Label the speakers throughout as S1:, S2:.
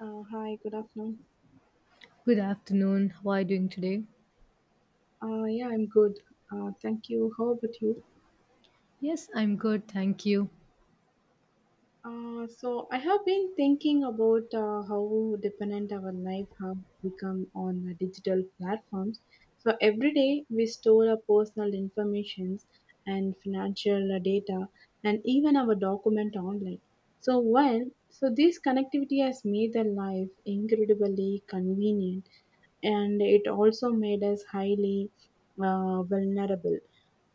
S1: Hi, good afternoon.
S2: Good afternoon. How are you doing today?
S1: Yeah, I'm good. Thank you. How about you?
S2: Yes, I'm good. Thank you.
S1: So I have been thinking about how dependent our life have become on digital platforms. So every day we store our personal informations and financial data and even our document online. So while so this connectivity has made the life incredibly convenient, and it also made us highly vulnerable.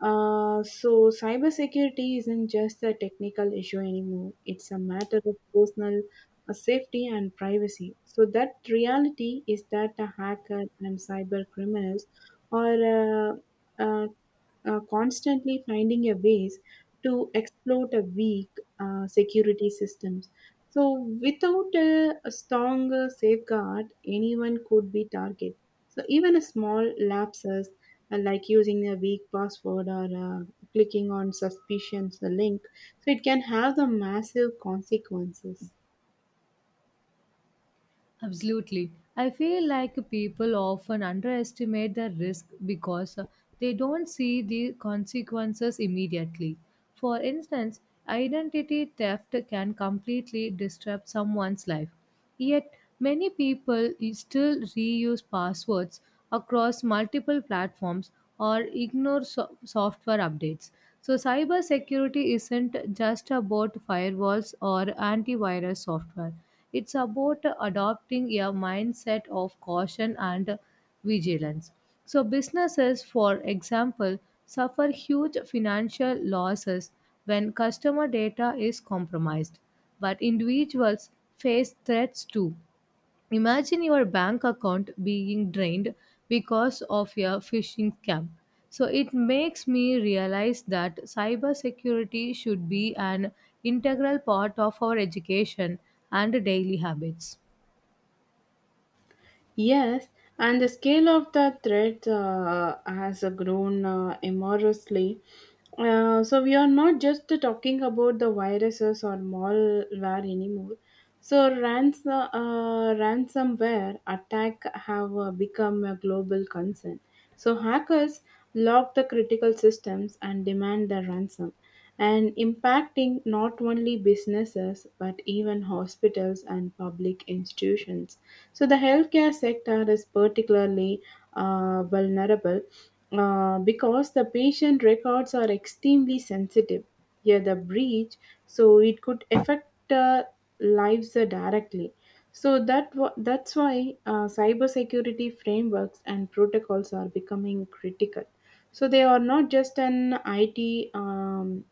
S1: So, cybersecurity isn't just a technical issue anymore, it's a matter of personal safety and privacy. So, that reality is that the hacker and cyber criminals are uh, uh, constantly finding a ways to exploit a weak security systems. So without a strong safeguard, anyone could be target. So even a small lapses like using a weak password or clicking on suspicious link, so it can have the massive consequences.
S2: Absolutely. I feel like people often underestimate the risk because they don't see the consequences immediately. For instance, identity theft can completely disrupt someone's life. Yet, many people still reuse passwords across multiple platforms or ignore software updates. So, cybersecurity isn't just about firewalls or antivirus software. It's about adopting a mindset of caution and vigilance. So, businesses, for example, suffer huge financial losses when customer data is compromised, but individuals face threats too. Imagine your bank account being drained because of your phishing scam. So it makes me realize that cybersecurity should be an integral part of our education and daily habits.
S1: Yes, and the scale of the threat has grown enormously. So we are not just talking about the viruses or malware anymore. So ransomware attack have become a global concern. So hackers lock the critical systems and demand the ransom and impacting not only businesses but even hospitals and public institutions. So, the healthcare sector is particularly vulnerable because the patient records are extremely sensitive. Here, the breach, so it could affect lives directly. So that's why cybersecurity frameworks and protocols are becoming critical. So they are not just an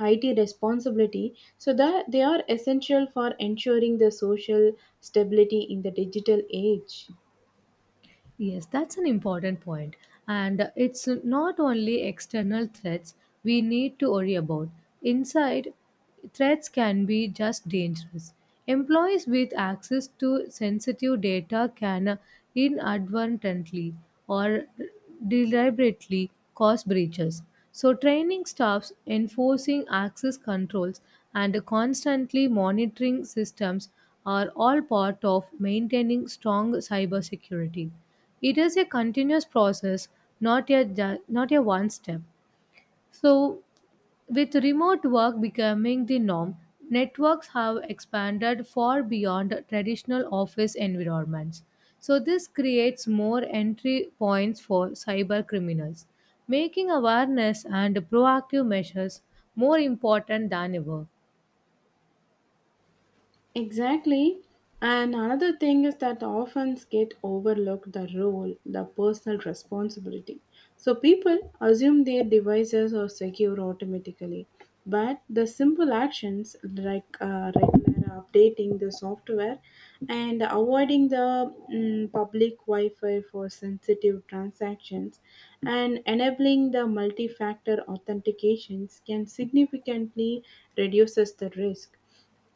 S1: IT responsibility so that they are essential for ensuring the social stability in the digital age.
S2: Yes, that's an important point. And it's not only external threats we need to worry about. Inside, threats can be just dangerous. Employees with access to sensitive data can inadvertently or deliberately cause breaches. So, training staffs, enforcing access controls, and constantly monitoring systems are all part of maintaining strong cybersecurity. It is a continuous process, not a one step. So with remote work becoming the norm, networks have expanded far beyond traditional office environments. So this creates more entry points for cyber criminals, making awareness and proactive measures more important than ever.
S1: Exactly. And another thing is that often get overlooked the role, the personal responsibility. So people assume their devices are secure automatically, but the simple actions like regular updating the software and avoiding the public Wi-Fi for sensitive transactions and enabling the multi-factor authentications can significantly reduces the risk,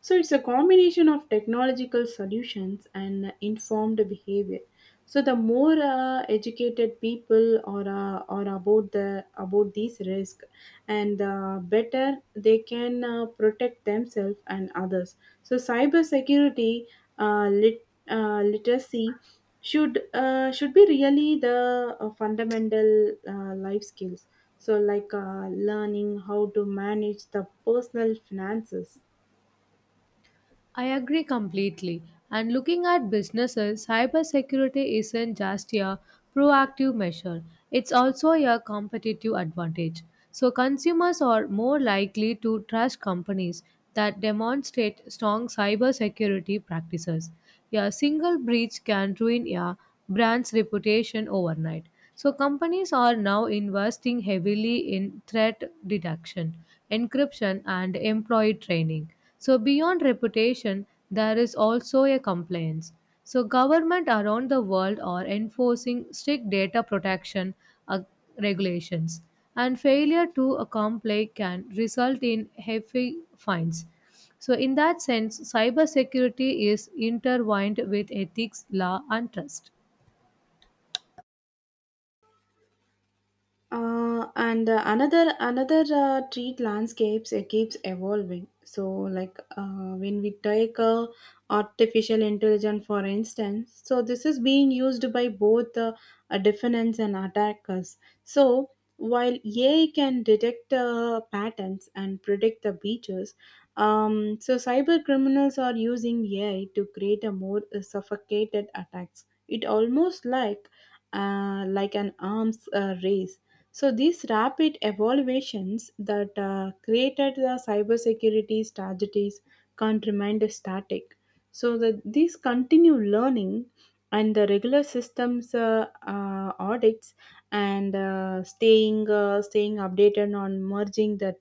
S1: so it's a combination of technological solutions and informed behavior. So the more educated people are, are about the about these risks, and the better they can protect themselves and others. So cybersecurity literacy should be really the fundamental life skills. So like learning how to manage the personal finances.
S2: I agree completely. And looking at businesses, cybersecurity isn't just a proactive measure, it's also a competitive advantage. So, consumers are more likely to trust companies that demonstrate strong cybersecurity practices. A single breach can ruin a brand's reputation overnight. So, companies are now investing heavily in threat detection, encryption, and employee training. So beyond reputation, there is also a compliance. So government around the world are enforcing strict data protection uh, regulations, and failure to comply can result in hefty fines. So in that sense, cybersecurity is intertwined with ethics, law and trust.
S1: Uh, and uh, another another uh, treat landscapes it keeps evolving, so like when we take artificial intelligence for instance, so this is being used by both defendants and attackers, so while ai can detect patterns and predict the breaches, so cyber criminals are using ai to create a more suffocated attacks. It almost like an arms race, so these rapid evaluations that created the cybersecurity strategies can't remain static. So that these continue learning and the regular systems audits and staying updated on merging the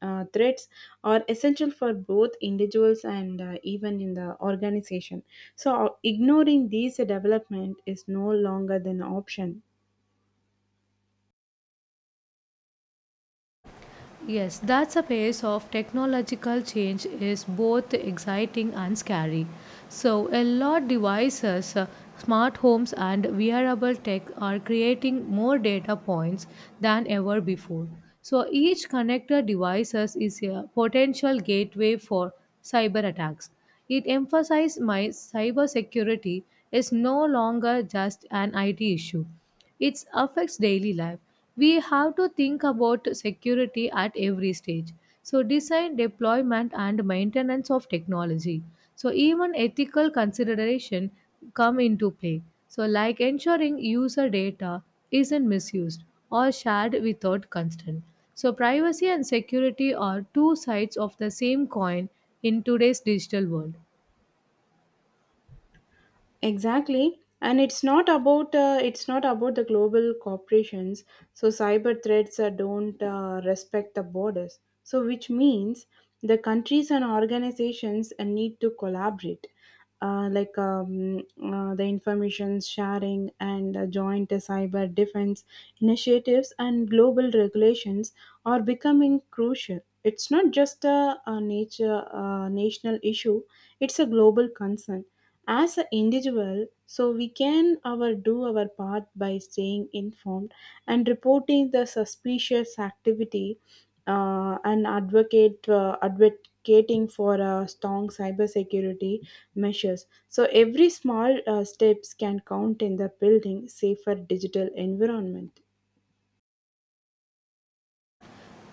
S1: threats are essential for both individuals and even in the organization. So ignoring these development is no longer an option.
S2: Yes, that's a pace of technological change is both exciting and scary. So, a lot devices, smart homes and wearable tech are creating more data points than ever before. So, each connected devices is a potential gateway for cyber attacks. It emphasizes my cybersecurity is no longer just an IT issue. It affects daily life. We have to think about security at every stage, so design deployment and maintenance of technology, so even ethical consideration come into play, so like ensuring user data isn't misused or shared without consent. So privacy and security are two sides of the same coin in today's digital world.
S1: Exactly, and it's not about the global corporations. So cyber threats don't respect the borders. So which means the countries and organizations need to collaborate, the information sharing and joint cyber defense initiatives and global regulations are becoming crucial. It's not just a national issue; it's a global concern. As an individual, so we can our do our part by staying informed and reporting the suspicious activity, and advocate advocating for strong cybersecurity measures, so every small steps can count in the building safer digital environment.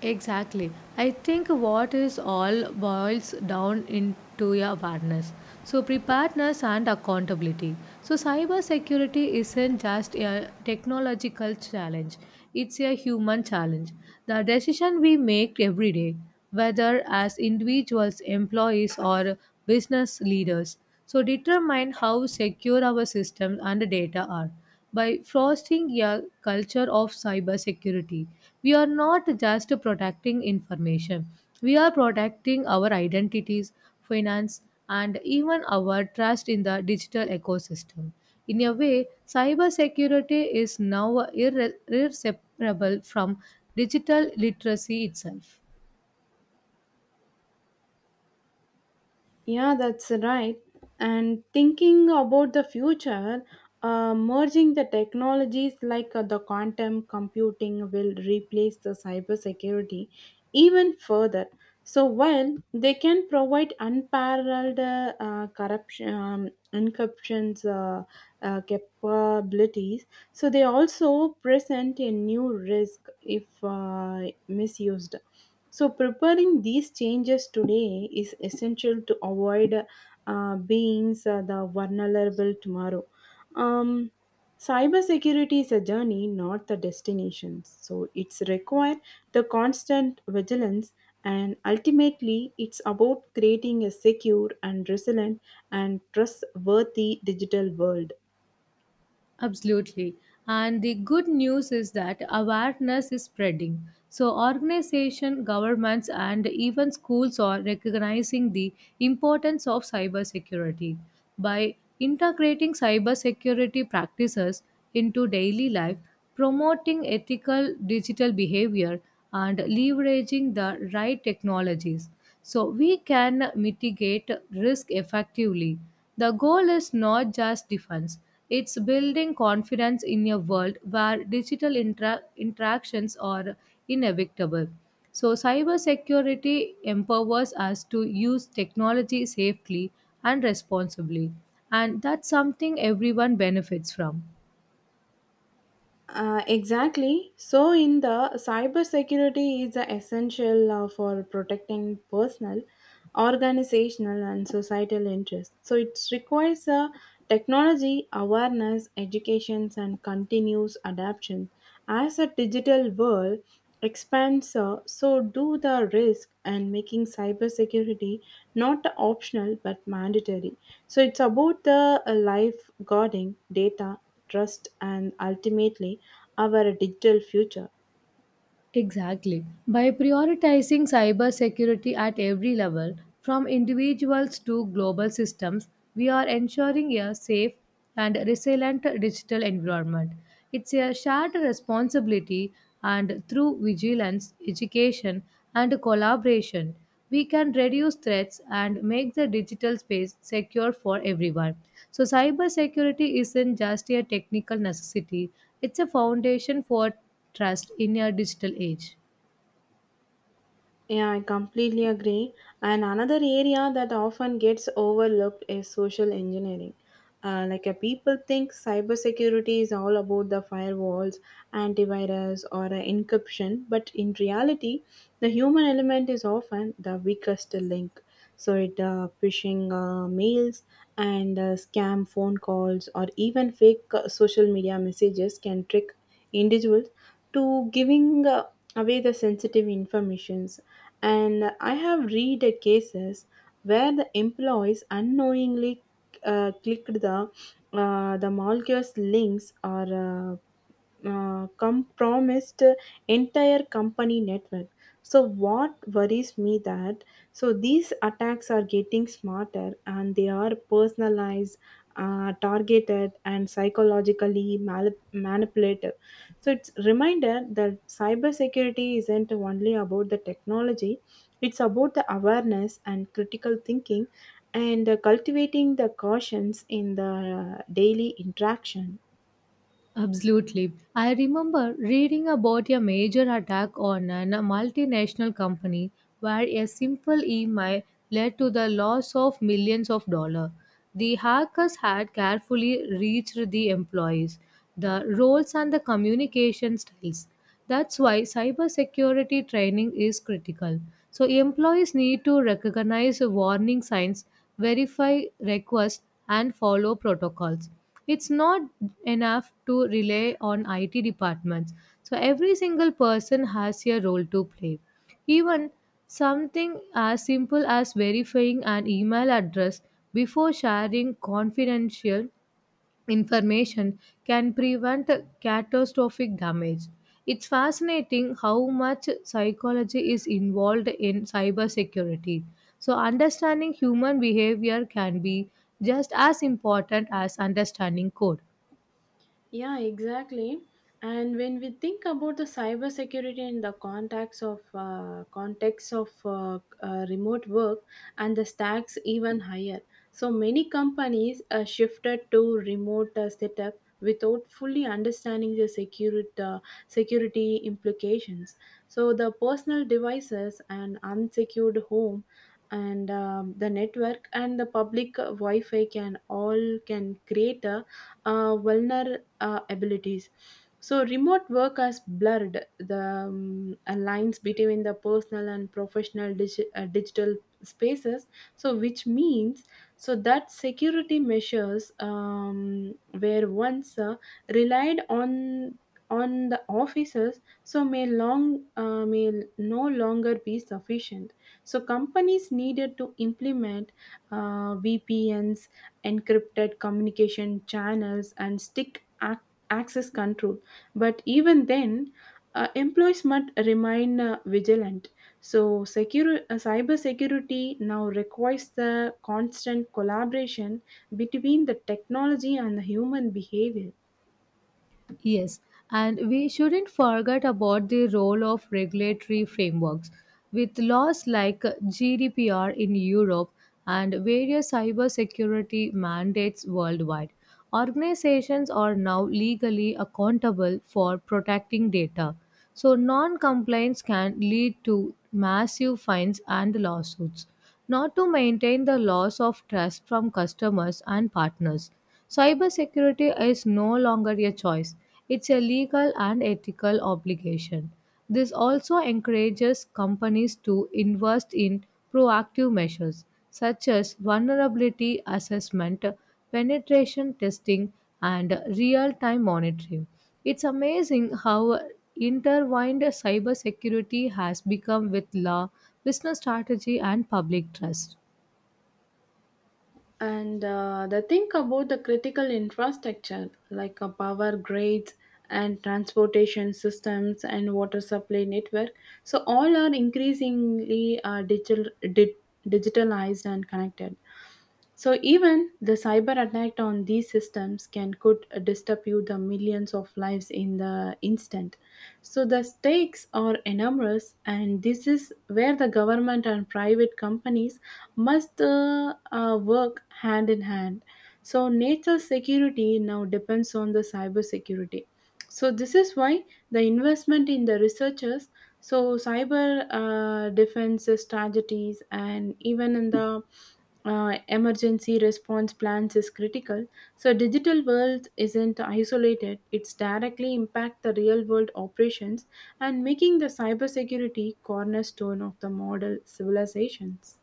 S2: Exactly. I think what is all boils down into your awareness. So preparedness and accountability. So cybersecurity isn't just a technological challenge. It's a human challenge. The decision we make every day, whether as individuals, employees or business leaders, so determine how secure our systems and data are by fostering a culture of cybersecurity. We are not just protecting information, we are protecting our identities, finance, and even our trust in the digital ecosystem. In a way, cybersecurity is now irseparable from digital literacy itself.
S1: Yeah, that's right. And thinking about the future, merging the technologies like the quantum computing will replace the cybersecurity even further. So while they can provide unparalleled corruption, encryptions capabilities, so they also present a new risk if misused. So, preparing these changes today is essential to avoid being the vulnerable tomorrow. Um, Cybersecurity is a journey, not the destination. So, it's required the constant vigilance, and ultimately, it's about creating a secure and resilient and trustworthy digital world.
S2: Absolutely. And the good news is that awareness is spreading. So organization, governments and even schools are recognizing the importance of cybersecurity. By integrating cybersecurity practices into daily life, promoting ethical digital behavior and leveraging the right technologies. So we can mitigate risk effectively. The goal is not just defense, it's building confidence in a world where digital interactions are inevitable. So, cybersecurity empowers us to use technology safely and responsibly, and that's something everyone benefits from.
S1: Exactly. So, in the cybersecurity is the essential for protecting personal, organizational, and societal interests. So, it requires technology awareness, education, and continuous adaptation. As a digital world expands, so do the risk, and making cybersecurity not optional but mandatory. So, it's about the lifeguarding data, trust, and ultimately our digital future.
S2: Exactly. By prioritizing cybersecurity at every level, from individuals to global systems, we are ensuring a safe and resilient digital environment. It's a shared responsibility, and through vigilance, education, and collaboration, we can reduce threats and make the digital space secure for everyone. So, cybersecurity isn't just a technical necessity, it's a foundation for trust in a digital age.
S1: Yeah, I completely agree. And another area that often gets overlooked is social engineering. People think cybersecurity is all about the firewalls, antivirus, or encryption, but in reality, the human element is often the weakest link. So it Phishing mails and scam phone calls or even fake social media messages can trick individuals to giving away the sensitive informations. And I have read a cases where the employees unknowingly clicked the molecules links or compromised entire company network. So what worries me that so these attacks are getting smarter and they are personalized, targeted and psychologically manipulative. So it's reminder that cybersecurity isn't only about the technology, it's about the awareness and critical thinking and cultivating the cautions in the daily interaction.
S2: Absolutely. I remember reading about a major attack on a multinational company where a simple email led to the loss of millions of dollars. The hackers had carefully reached the employees, the roles, and the communication styles. That's why cybersecurity training is critical. So employees need to recognize warning signs, verify requests, and follow protocols. It's not enough to rely on IT departments. So every single person has a role to play. Even something as simple as verifying an email address before sharing confidential information can prevent catastrophic damage. It's fascinating how much psychology is involved in cybersecurity. So, understanding human behavior can be just as important as understanding code.
S1: Yeah, exactly. And when we think about the cybersecurity in the context of remote work, and the stacks even higher. So many companies shifted to remote setup without fully understanding the security implications. So the personal devices and unsecured home and the network and the public wi-fi can all can create a vulner abilities. So remote work has blurred the lines between the personal and professional digital spaces, so which means so that security measures were once relied on the officers, so may no longer be sufficient. So companies needed to implement VPNs, encrypted communication channels, and access control. But even then, employees must remain vigilant. So, cyber security now requires the constant collaboration between the technology and the human behavior.
S2: Yes, and we shouldn't forget about the role of regulatory frameworks. With laws like GDPR in Europe and various cybersecurity mandates worldwide, organizations are now legally accountable for protecting data. So, non compliance can lead to massive fines and lawsuits, not to maintain the loss of trust from customers and partners. Cybersecurity is no longer a choice, it's a legal and ethical obligation. This also encourages companies to invest in proactive measures such as vulnerability assessment, penetration testing, and real time monitoring. It's amazing how intertwined cybersecurity has become with law, business strategy, and public trust.
S1: And the thing about the critical infrastructure like power grids and transportation systems and water supply network, so all are increasingly digitalized and connected. So even the cyber attack on these systems can could disturb you the millions of lives in the instant. So the stakes are enormous, and this is where the government and private companies must work hand in hand. So nature security now depends on the cyber security. So this is why the investment in the researchers, so, cyber defense strategies and even in the emergency response plans is critical. So, digital world isn't isolated; it's directly impact the real world operations and making the cybersecurity cornerstone of the model civilizations.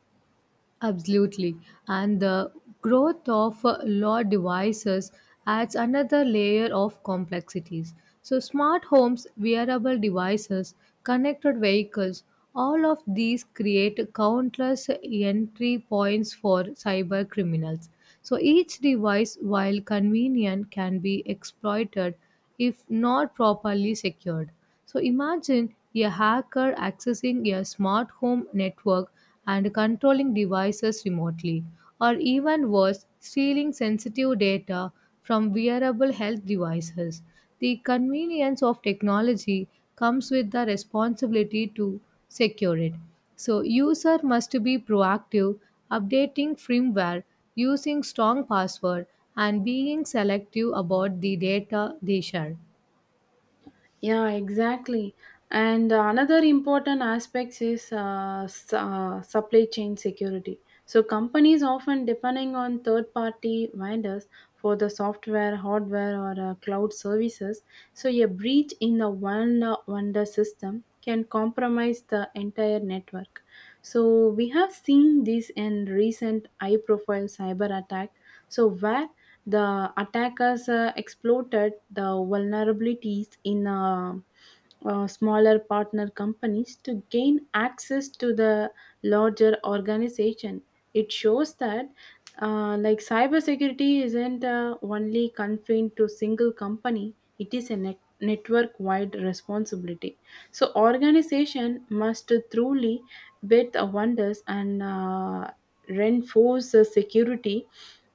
S2: Absolutely. And the growth of law devices adds another layer of complexities. So, smart homes, wearable devices, connected vehicles, all of these create countless entry points for cyber criminals. So, each device, while convenient, can be exploited if not properly secured. So imagine a hacker accessing a smart home network and controlling devices remotely, or even worse, stealing sensitive data from wearable health devices. The convenience of technology comes with the responsibility to secure it. So user must be proactive, updating firmware, using strong password, and being selective about the data they share.
S1: Yeah, exactly. And another important aspect is supply chain security. So companies often depending on third-party vendors for the software, hardware, or cloud services. So a breach in the one vendor system can compromise the entire network. So we have seen this in recent high-profile cyber attack. So where the attackers exploited the vulnerabilities in smaller partner companies to gain access to the larger organization. It shows that like cybersecurity isn't only confined to single company. It is a network-wide responsibility. So organization must truly bet the wonders and reinforce the security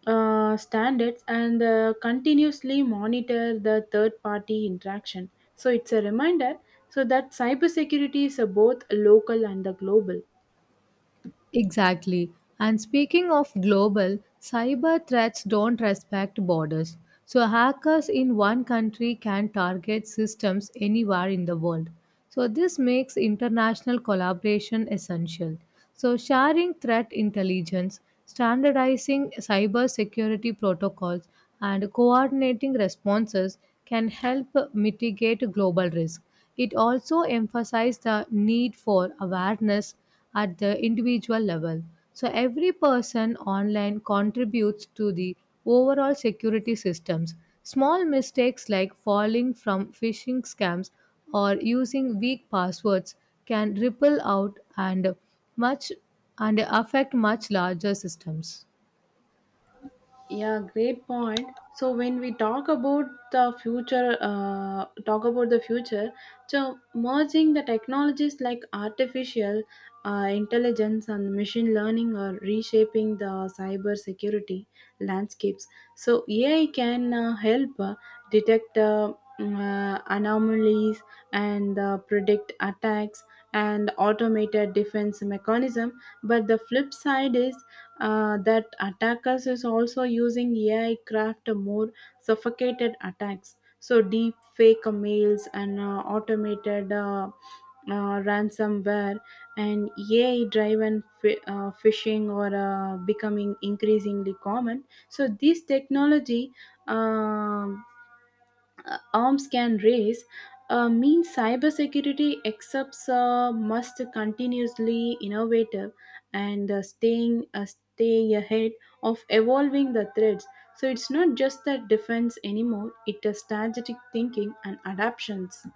S1: standards and continuously monitor the third party interaction. So it's a reminder so that cybersecurity is a both local and the global.
S2: Exactly. And speaking of global, cyber threats don't respect borders. So, hackers in one country can target systems anywhere in the world. So, this makes international collaboration essential. So, sharing threat intelligence, standardizing cybersecurity protocols, and coordinating responses can help mitigate global risk. It also emphasized the need for awareness at the individual level. So every person online contributes to the overall security systems. Small mistakes like falling from phishing scams or using weak passwords can ripple out and much and affect much larger systems.
S1: Yeah, great point. So when we talk about the future, so merging the technologies like artificial intelligence and machine learning are reshaping the cyber security landscapes. So AI can help detect anomalies and predict attacks and automated defense mechanism. But the flip side is that attackers is also using AI craft more suffocated attacks. So deep fake mails and automated ransomware and AI driven phishing or becoming increasingly common. So this technology. um Arms can raise means cybersecurity accepts must continuously innovative and stay ahead of evolving the threats. So it's not just that defense anymore; it is strategic thinking and adaptations.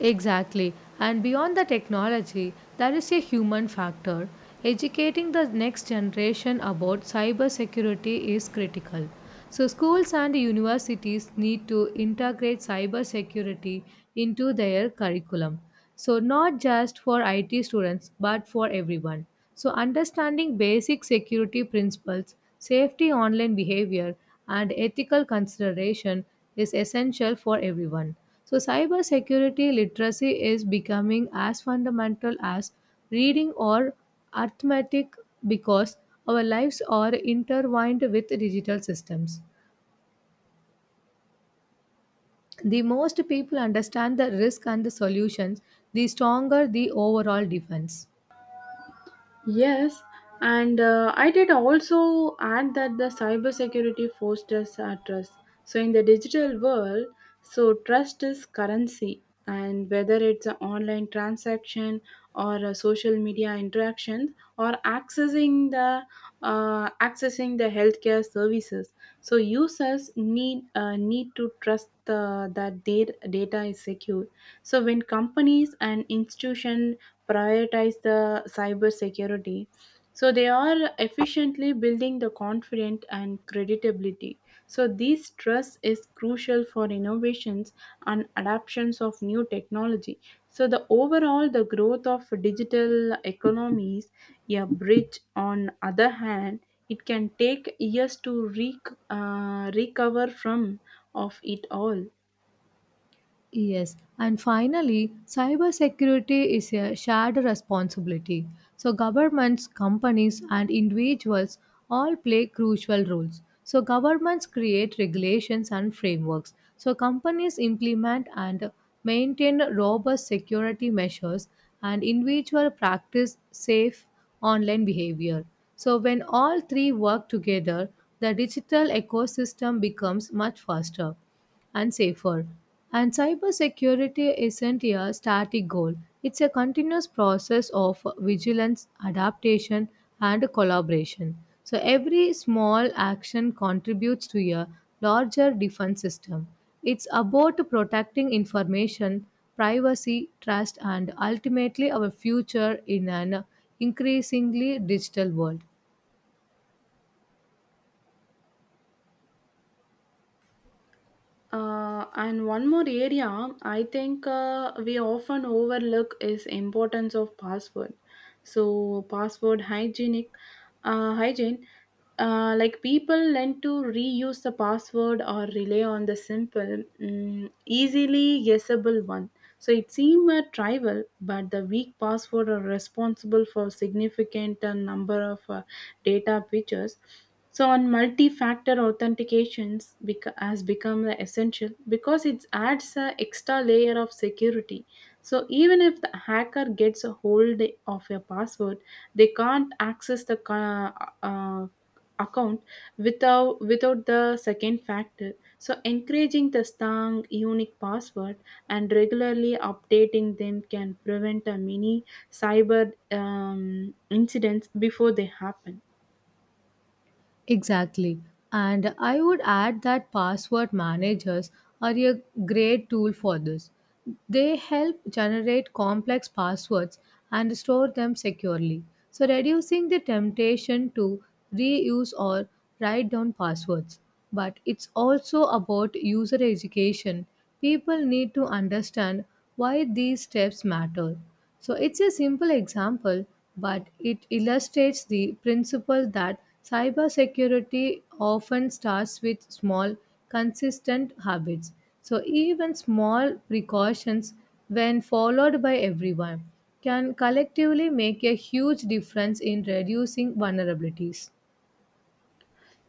S2: Exactly. And beyond the technology, there is a human factor. Educating the next generation about cybersecurity is critical. So, schools and universities need to integrate cybersecurity into their curriculum. So, not just for IT students, but for everyone. So, understanding basic security principles, safety online behavior, and ethical consideration is essential for everyone. So, cybersecurity literacy is becoming as fundamental as reading or arithmetic because our lives are intertwined with digital systems. The most people understand the risk and the solutions, the stronger the overall defense.
S1: Yes, and I did also add that the cybersecurity fosters our trust. So in the digital world, so trust is currency, and whether it's an online transaction or a social media interaction or accessing the healthcare services, so users need to trust that their data is secure. So when companies and institutions prioritize the cyber security. So they are efficiently building the confidence and credibility. So this trust is crucial for innovations and adoptions of new technology. So the overall the growth of digital economies, a bridge on other hand, it can take years to recover from of it all.
S2: Yes, and finally, cybersecurity is a shared responsibility. So, governments, companies, and individuals all play crucial roles. So, governments create regulations and frameworks. So, companies implement and maintain robust security measures, and individuals practice safe online behavior. So, when all three work together, the digital ecosystem becomes much faster and safer. And cybersecurity isn't a static goal, it's a continuous process of vigilance, adaptation, and collaboration. So, every small action contributes to a larger defense system. It's about protecting information, privacy, trust, and ultimately our future in an increasingly digital world.
S1: And one more area I think we often overlook is importance of password. So password hygienic hygiene like people tend to reuse the password or rely on the simple, easily guessable one. So it seems a trivial, but the weak password are responsible for significant number of data breaches. So, on multi-factor authentications has become the essential because it adds an extra layer of security. So, even if the hacker gets a hold of your password, they can't access the uh, account without the second factor. So, encouraging the strong, unique password and regularly updating them can prevent a mini cyber incidents before they happen.
S2: Exactly. And I would add that password managers are a great tool for this. They help generate complex passwords and store them securely. So, reducing the temptation to reuse or write down passwords. But it's also about user education. People need to understand why these steps matter. So it's a simple example, but it illustrates the principle that cybersecurity often starts with small, consistent habits. So even small precautions, when followed by everyone, can collectively make a huge difference in reducing vulnerabilities.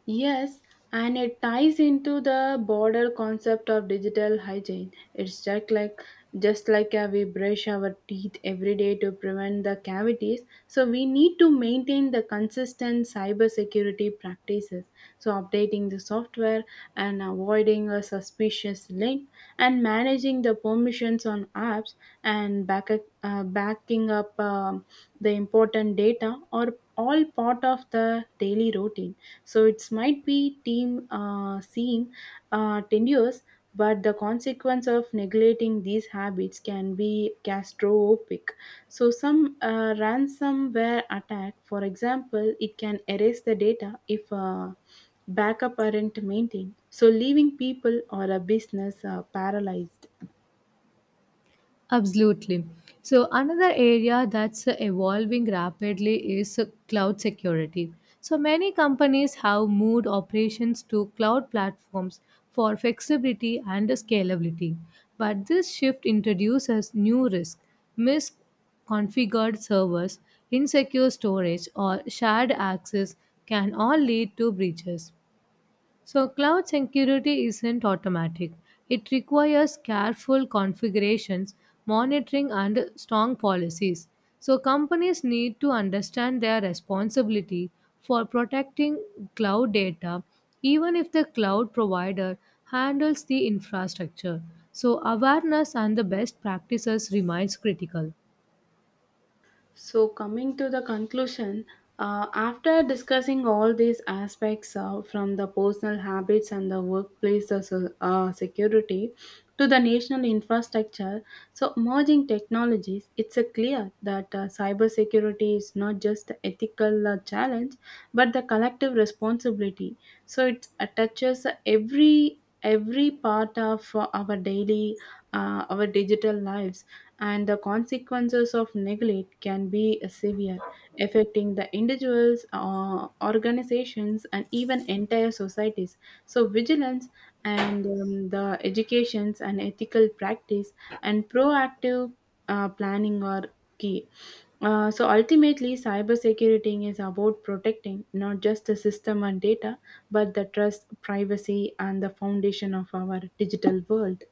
S1: Yes, and it ties into the broader concept of digital hygiene. It's just like we brush our teeth every day to prevent the cavities, so we need to maintain the consistent cybersecurity practices. So updating the software and avoiding a suspicious link and managing the permissions on apps and backing up the important data are all part of the daily routine, so it might be team seem tenuous, but the consequence of neglecting these habits can be catastrophic. So some ransomware attack, for example, it can erase the data if backup aren't maintained. So leaving people or a business paralyzed.
S2: Absolutely. So, another area that's evolving rapidly is cloud security. So, many companies have moved operations to cloud platforms for flexibility and scalability. But this shift introduces new risks, misconfigured servers, insecure storage, or shared access can all lead to breaches. So, cloud security isn't automatic. It requires careful configurations, monitoring, and strong policies. So, companies need to understand their responsibility for protecting cloud data, even if the cloud provider handles the infrastructure. So, awareness and the best practices remains critical.
S1: So, coming to the conclusion, after discussing all these aspects from the personal habits and the workplace security to the national infrastructure, so merging technologies, it's a clear that cybersecurity is not just the ethical challenge but the collective responsibility. So it touches every part of our digital lives, and the consequences of neglect can be severe, affecting the individuals, organizations, and even entire societies. So, vigilance and the educations and ethical practice and proactive planning are key. So ultimately, cybersecurity is about protecting not just the system and data, but the trust, privacy, and the foundation of our digital world.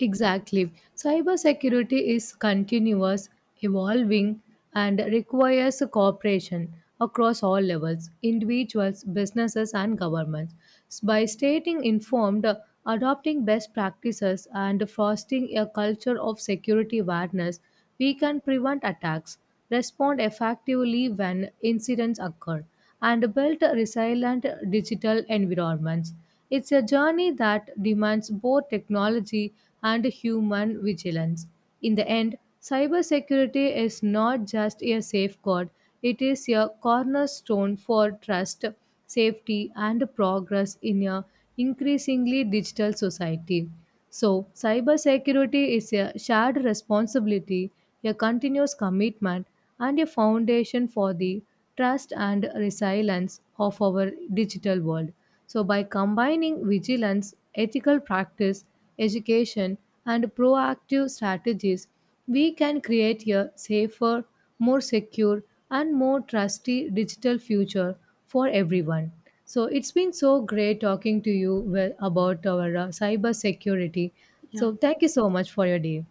S2: Exactly. Cybersecurity is continuous, evolving, and requires cooperation across all levels individuals, businesses, and governments. By staying informed, adopting best practices, and fostering a culture of security awareness, we can prevent attacks, respond effectively when incidents occur, and build resilient digital environments. It's a journey that demands both technology and human vigilance. In the end, cybersecurity is not just a safeguard, it is a cornerstone for trust, safety, and progress in a increasingly digital society. So, cybersecurity is a shared responsibility, a continuous commitment, and a foundation for the trust and resilience of our digital world. So, by combining vigilance, ethical practice, education, and proactive strategies, we can create a safer, more secure, and more trusty digital future for everyone. So it's been so great talking to you well about our cyber security.
S1: Yeah,
S2: So thank you so much for your day.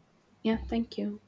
S1: yeah, thank you.